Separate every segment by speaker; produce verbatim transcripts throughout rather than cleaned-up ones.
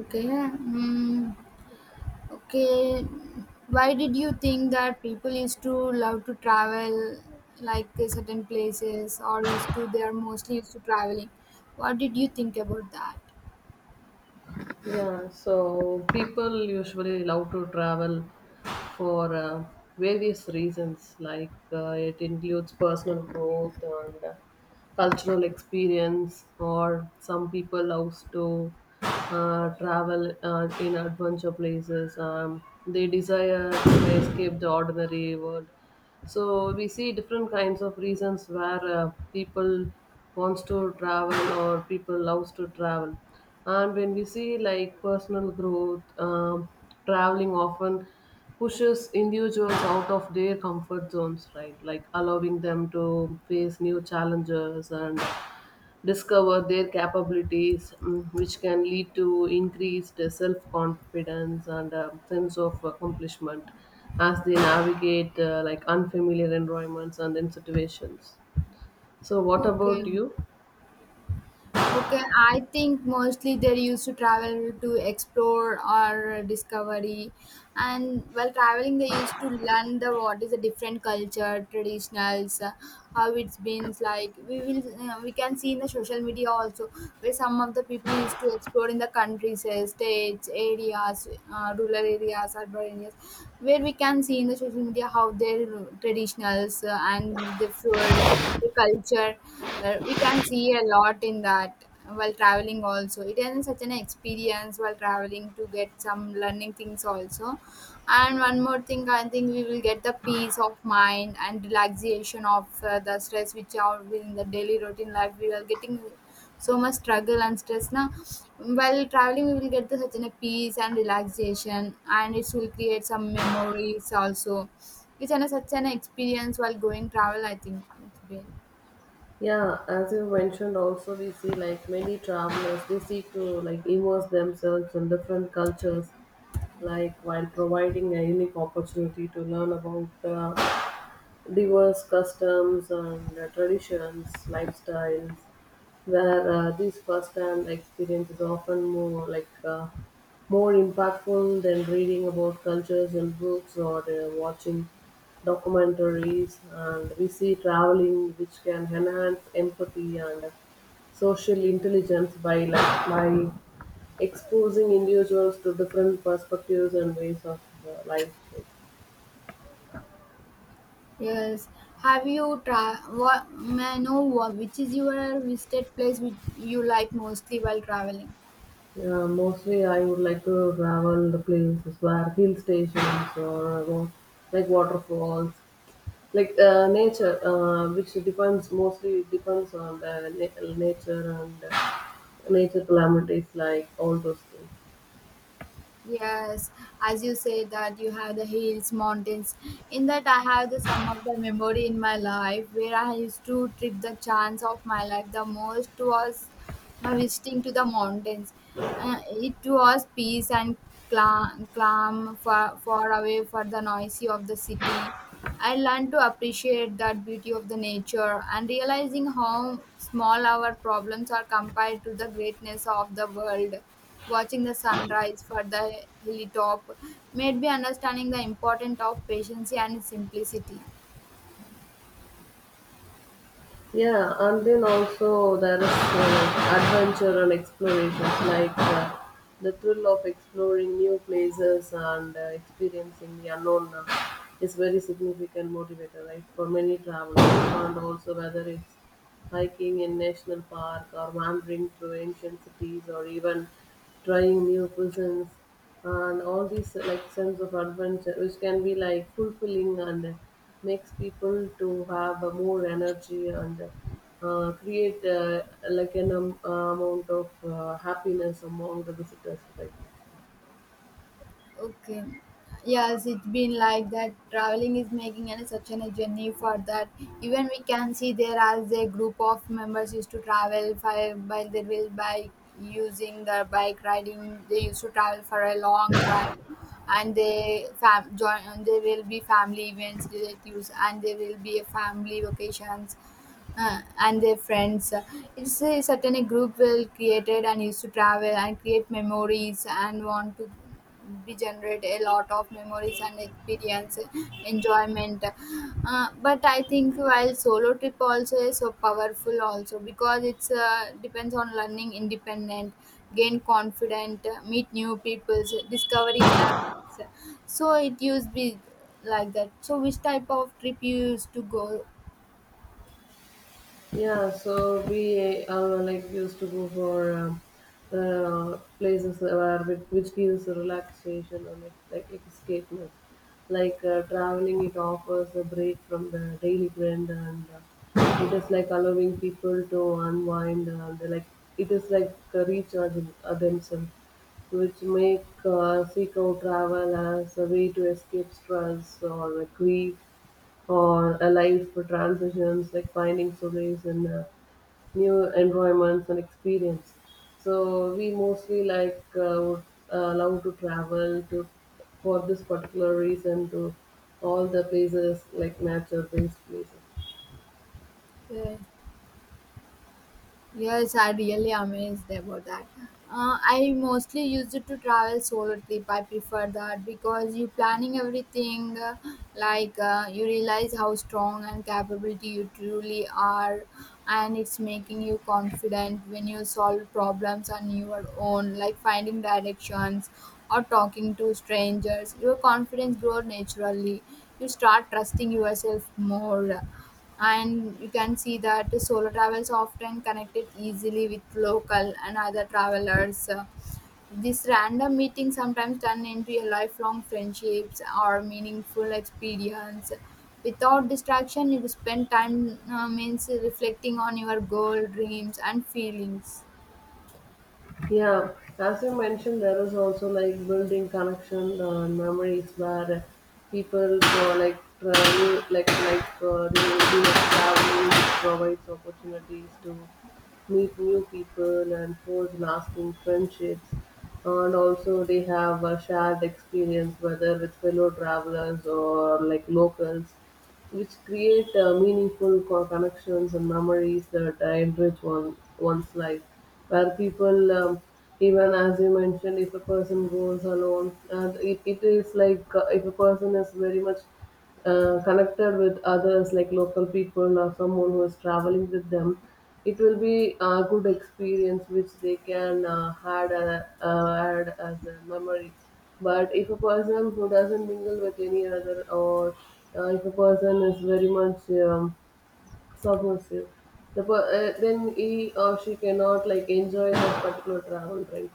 Speaker 1: Okay. Mm, okay. Why did you think that people used to love to travel, like uh, certain places, or used to they are mostly used to traveling? What did you think about that?
Speaker 2: Yeah, so people usually love to travel for uh, various reasons, like uh, it includes personal growth and uh, cultural experience, or some people loves to uh, travel uh, in adventure places. Um, they desire to escape the ordinary world. So we see different kinds of reasons where uh, people wants to travel or people loves to travel. And when we see like personal growth, um, traveling often pushes individuals out of their comfort zones, right? Like allowing them to face new challenges and discover their capabilities, mm, which can lead to increased self confidence and a sense of accomplishment as they navigate uh, like unfamiliar environments and then situations. So, what
Speaker 1: Okay.
Speaker 2: about you?
Speaker 1: Okay, I think mostly they used to travel to explore or discovery, and while traveling, they used to learn the what is a different culture, traditionals, uh, how it's been like. We will uh, we can see in the social media also where some of the people used to explore in the countries, uh, states, areas, uh, rural areas, urban areas, where we can see in the social media how their traditionals uh, and the food, the culture. Uh, we can see a lot in that while traveling also it is such an experience while traveling to get some learning things also. And one more thing I think we will get the peace of mind and relaxation of uh, the stress which are within the daily routine life. We are getting so much struggle and stress now. While traveling we will get the such a peace and relaxation and it will create some memories also. It's an, such an experience while going travel, I think it's been.
Speaker 2: Yeah, as you mentioned, also we see like many travelers, they seek to like immerse themselves in different cultures, like while providing a unique opportunity to learn about uh, diverse customs and uh, traditions, lifestyles, where uh, these first-hand experience is often more like uh, more impactful than reading about cultures in books or uh, watching documentaries. And we see traveling, which can enhance empathy and uh, social intelligence by like by exposing individuals to different perspectives and ways of uh, life.
Speaker 1: Yes. Have you tra- what, may I know what, which is your visited place which you like mostly while traveling?
Speaker 2: Yeah, mostly I would like to travel the places where hill stations or uh, like waterfalls, like uh, nature, uh, which depends mostly it depends on the na- nature and uh, nature calamities, like all those things.
Speaker 1: Yes, as you say that you have the hills, mountains. In that, I have the some of the memory in my life where I used to trip the chance of my life the most was my visiting to the mountains. Uh, it was peace and calm, calm far, far away for the noisy of the city. I learned to appreciate that beauty of the nature and realizing how small our problems are compared to the greatness of the world. Watching the sunrise for the hilltop made me understanding the importance of patience and simplicity.
Speaker 2: Yeah, and then also there is uh, adventure and explorations like uh, the thrill of exploring new places and uh, experiencing the unknown uh, is very significant motivator, right, for many travelers. And also whether it's hiking in national park or wandering through ancient cities or even trying new cuisines, and all these uh, like sense of adventure which can be like fulfilling and uh, makes people to have uh, more energy and uh, create uh, like an um, amount of uh, happiness among the visitors right.
Speaker 1: Okay. Yes, it's been like that. Traveling is making an, such an, a journey for that. Even we can see there as a group of members used to travel by, by their will by using the bike riding. They used to travel for a long drive, and they fam join. And there will be family events relatives, and there will be a family vacations uh, and their friends. It's a certain a group will created and used to travel and create memories and want to be generate a lot of memories and experience enjoyment. Uh, but I think while solo trip also is so powerful also because it's uh, depends on learning independent, gain confident, meet new people, discover inner peace. So it used be like that. So which type of trip you used to go?
Speaker 2: Yeah, so we uh, like used to go for um, uh, places where which, which gives relaxation and like, like escapement. Like uh, traveling, it offers a break from the daily grind, and uh, it is like allowing people to unwind. And like it is like uh, recharging uh, themselves, which make uh, seek out travel as a way to escape stress or grief or alive for transitions, like finding solace in uh, new environments and experience. So we mostly like uh, would uh, love to travel to for this particular reason to all the places like nature based places.
Speaker 1: Uh, Yes, I really amazed about that. Uh, I mostly used it to travel solo trip. I prefer that because you planning everything, uh, like uh, you realize how strong and capability you truly are, and it's making you confident when you solve problems on your own, like finding directions or talking to strangers. Your confidence grows naturally. You start trusting yourself more and you can see that solo travels often connected easily with local and other travelers. This random meeting sometimes turn into a lifelong friendships or meaningful experience. Without distraction you spend time uh, means reflecting on your goal dreams and feelings.
Speaker 2: Yeah, as you mentioned, there is also like building connection uh, and memories where people uh, like travel, like like uh, they do like traveling, which provides opportunities to meet new people and forge lasting friendships. And also, they have a shared experience, whether with fellow travelers or like locals which create uh, meaningful co- connections and memories that uh, enrich one, one's life. Where people, um, even as you mentioned, if a person goes alone, and it, it is like uh, if a person is very much uh, connected with others, like local people or someone who is traveling with them, it will be a good experience which they can uh, had a, uh, add as a memory. But if a person who doesn't mingle with any other, or uh, if a person is very much um, submissive, the per- uh, then he or she cannot like enjoy that particular travel, right?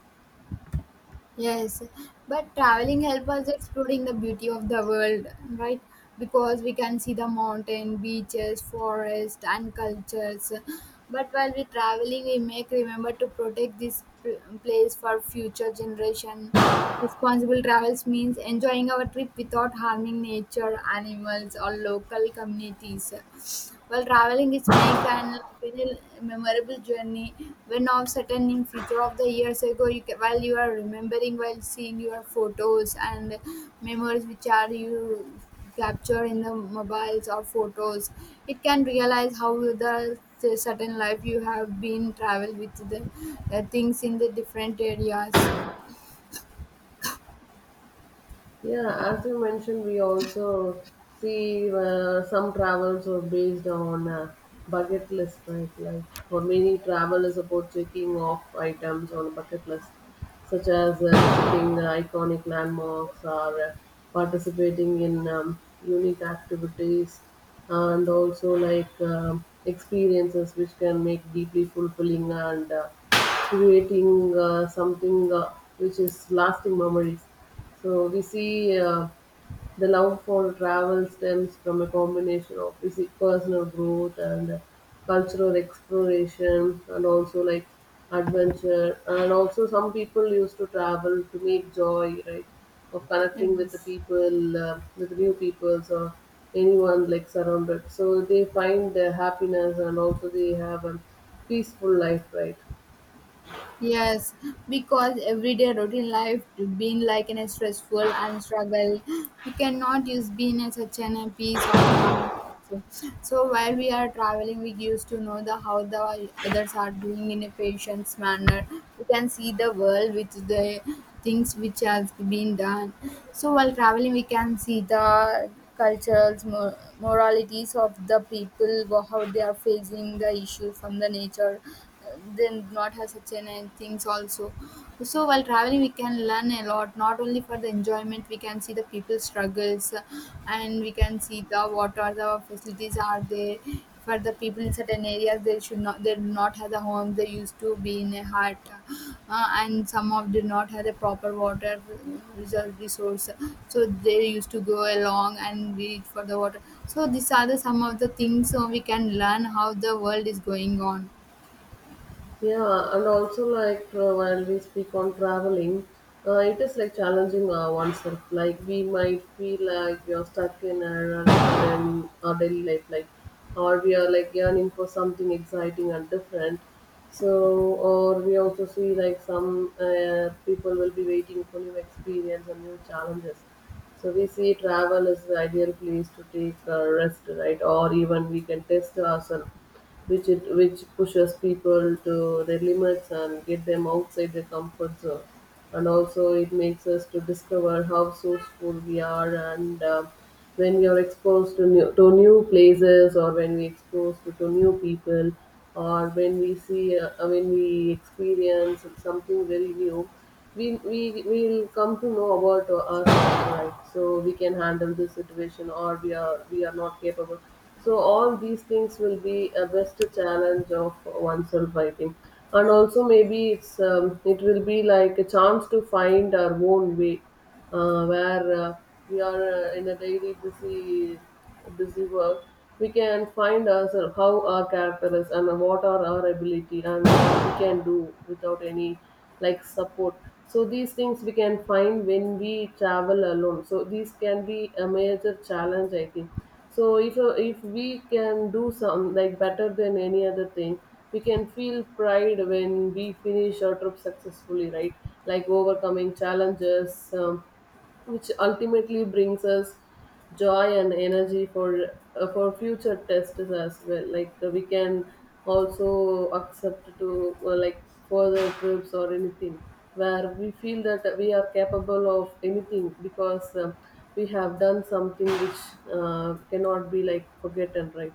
Speaker 1: Yes, but traveling help us exploring the beauty of the world, right? Because we can see the mountain, beaches, forest, and cultures. But while we traveling, we make remember to protect this pl- place for future generation. Responsible travels means enjoying our trip without harming nature, animals, or local communities. While traveling, is make an like, very memorable journey. When all certain in future of the years ago, you can, while you are remembering, while seeing your photos and memories which are you capture in the mobiles or photos, it can realize how the the certain life you have been travel with the uh, things in the different areas.
Speaker 2: Yeah, as you mentioned, we also see uh, some travels are based on uh, bucket list, right? Like for many, travel is about checking off items on a bucket list, such as uh, visiting uh, iconic landmarks or uh, participating in um, unique activities, and also like um experiences which can make deeply fulfilling and uh, creating uh, something uh, which is lasting memories. So we see uh, the love for travel stems from a combination of we personal growth and cultural exploration, and also like adventure. And also, some people used to travel to make joy, right, of connecting with the
Speaker 1: Yes.
Speaker 2: people, uh, with new peoples or anyone like surrounded. So they find uh, happiness, and also they have a peaceful life, right?
Speaker 1: Yes, because everyday routine life to being like an stressful and struggle, we cannot use being as such an a peace of mind. So, so while we are traveling, we used to know the how the others are doing in a patient's manner. We can see the world with the things which has been done. So while traveling, we can see the cultural mor- moralities of the people, wha- how they are facing the issues from the nature then not have such an uh, things also. So while traveling we can learn a lot, not only for the enjoyment. We can see the people's struggles, uh, and we can see the what are the facilities are there for the people in certain areas. They should not, they do not have the home. They used to be in a hut, uh, and some of did not have the proper water reserve resource, so they used to go along and reach for the water. So these are the some of the things, so we can learn how the world is going on.
Speaker 2: Yeah, and also like uh, while we speak on traveling, uh, it is like challenging uh, oneself. Like we might feel like we are stuck in our, in our daily life, like or we are like yearning for something exciting and different. So, or we also see like some uh, people will be waiting for new experience and new challenges. So we see travel is the ideal place to take a rest, right? Or even we can test ourselves which it which pushes people to their limits and get them outside their comfort zone and also it makes us to discover how sourceful we are and uh, when we are exposed to new, to new places or when we exposed to, to new people or when we see uh, when we experience something very new we we will come to know about ourselves, right? So we can handle this situation, or we are we are not capable. So all these things will be a best challenge of oneself, I think. And also maybe it's um, it will be like a chance to find our own way uh, where uh, we are uh, in a daily busy busy work we can find ourselves how our character is and what are our ability and what we can do without any like support. So these things we can find when we travel alone, so these can be a major challenge, I think. So if uh, if we can do some like better than any other thing we can feel pride when we finish our trip successfully, right? Like overcoming challenges, um, which ultimately brings us joy and energy for uh, for future tests as well. Like uh, we can also accept to uh, like further trips or anything where we feel that we are capable of anything because um, we have done something which uh, cannot be like forgotten, right?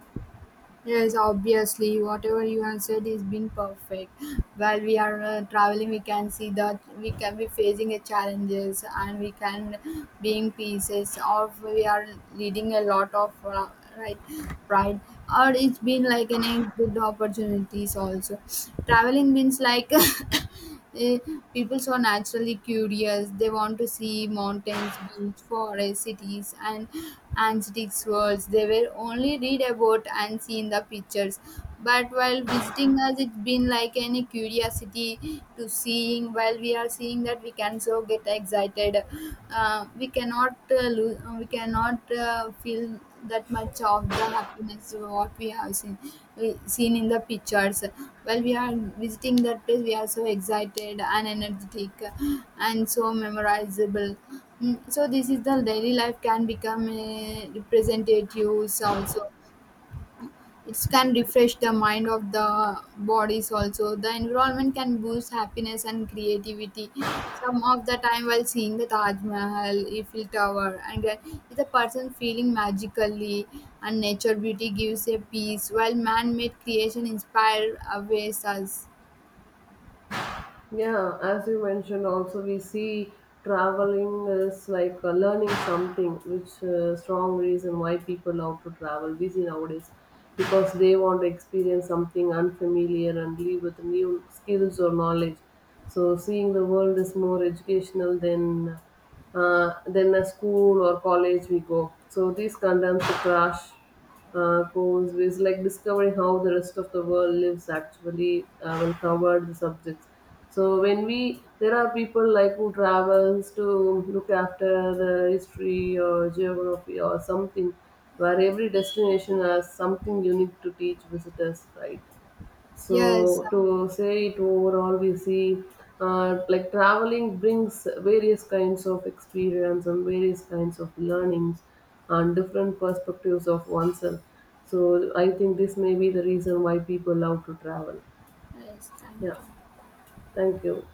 Speaker 1: Yes, obviously, whatever you have said is been perfect. While we are uh, traveling, we can see that we can be facing a challenges and we can being pieces of we are leading a lot of uh, right pride, or it's been like an a good opportunities also. Traveling means like eh, people so naturally curious, they want to see mountains beach forests cities and antique worlds they were only read about and see in the pictures. But while visiting us it's been like any curiosity to seeing, while we are seeing that we can so get excited. Uh, we cannot uh, lose, we cannot uh, feel that much of the happiness what we have seen. We seen in the pictures while we are visiting that place, we are so excited and energetic and so memorizable. Mm, so this is the daily life can become uh, representatives also. It can refresh the mind of the bodies also. The environment can boost happiness and creativity. Some of the time while seeing the Taj Mahal, Eiffel Tower, and then is a person feeling magically, and nature beauty gives a peace while man-made creation inspire aways us.
Speaker 2: Yeah, as you mentioned, also we see traveling is like uh, learning something, which uh, strong reason why people love to travel. We see nowadays because they want to experience something unfamiliar and leave with new skills or knowledge. So seeing the world is more educational than uh, than a school or college we go. So these condemns to crash uh, goals is like discovering how the rest of the world lives actually uh, when covered the subjects. So when we there are people like who travels to look after the history or geography or something, where every destination has something unique to teach visitors, right?
Speaker 1: Yes,
Speaker 2: So
Speaker 1: uh,
Speaker 2: to say it overall, we see uh, like traveling brings various kinds of experience and various kinds of learnings and different perspectives of oneself. So I think this may be the reason why people love to travel.
Speaker 1: yes,
Speaker 2: Yeah,
Speaker 1: thank you.
Speaker 2: thank you.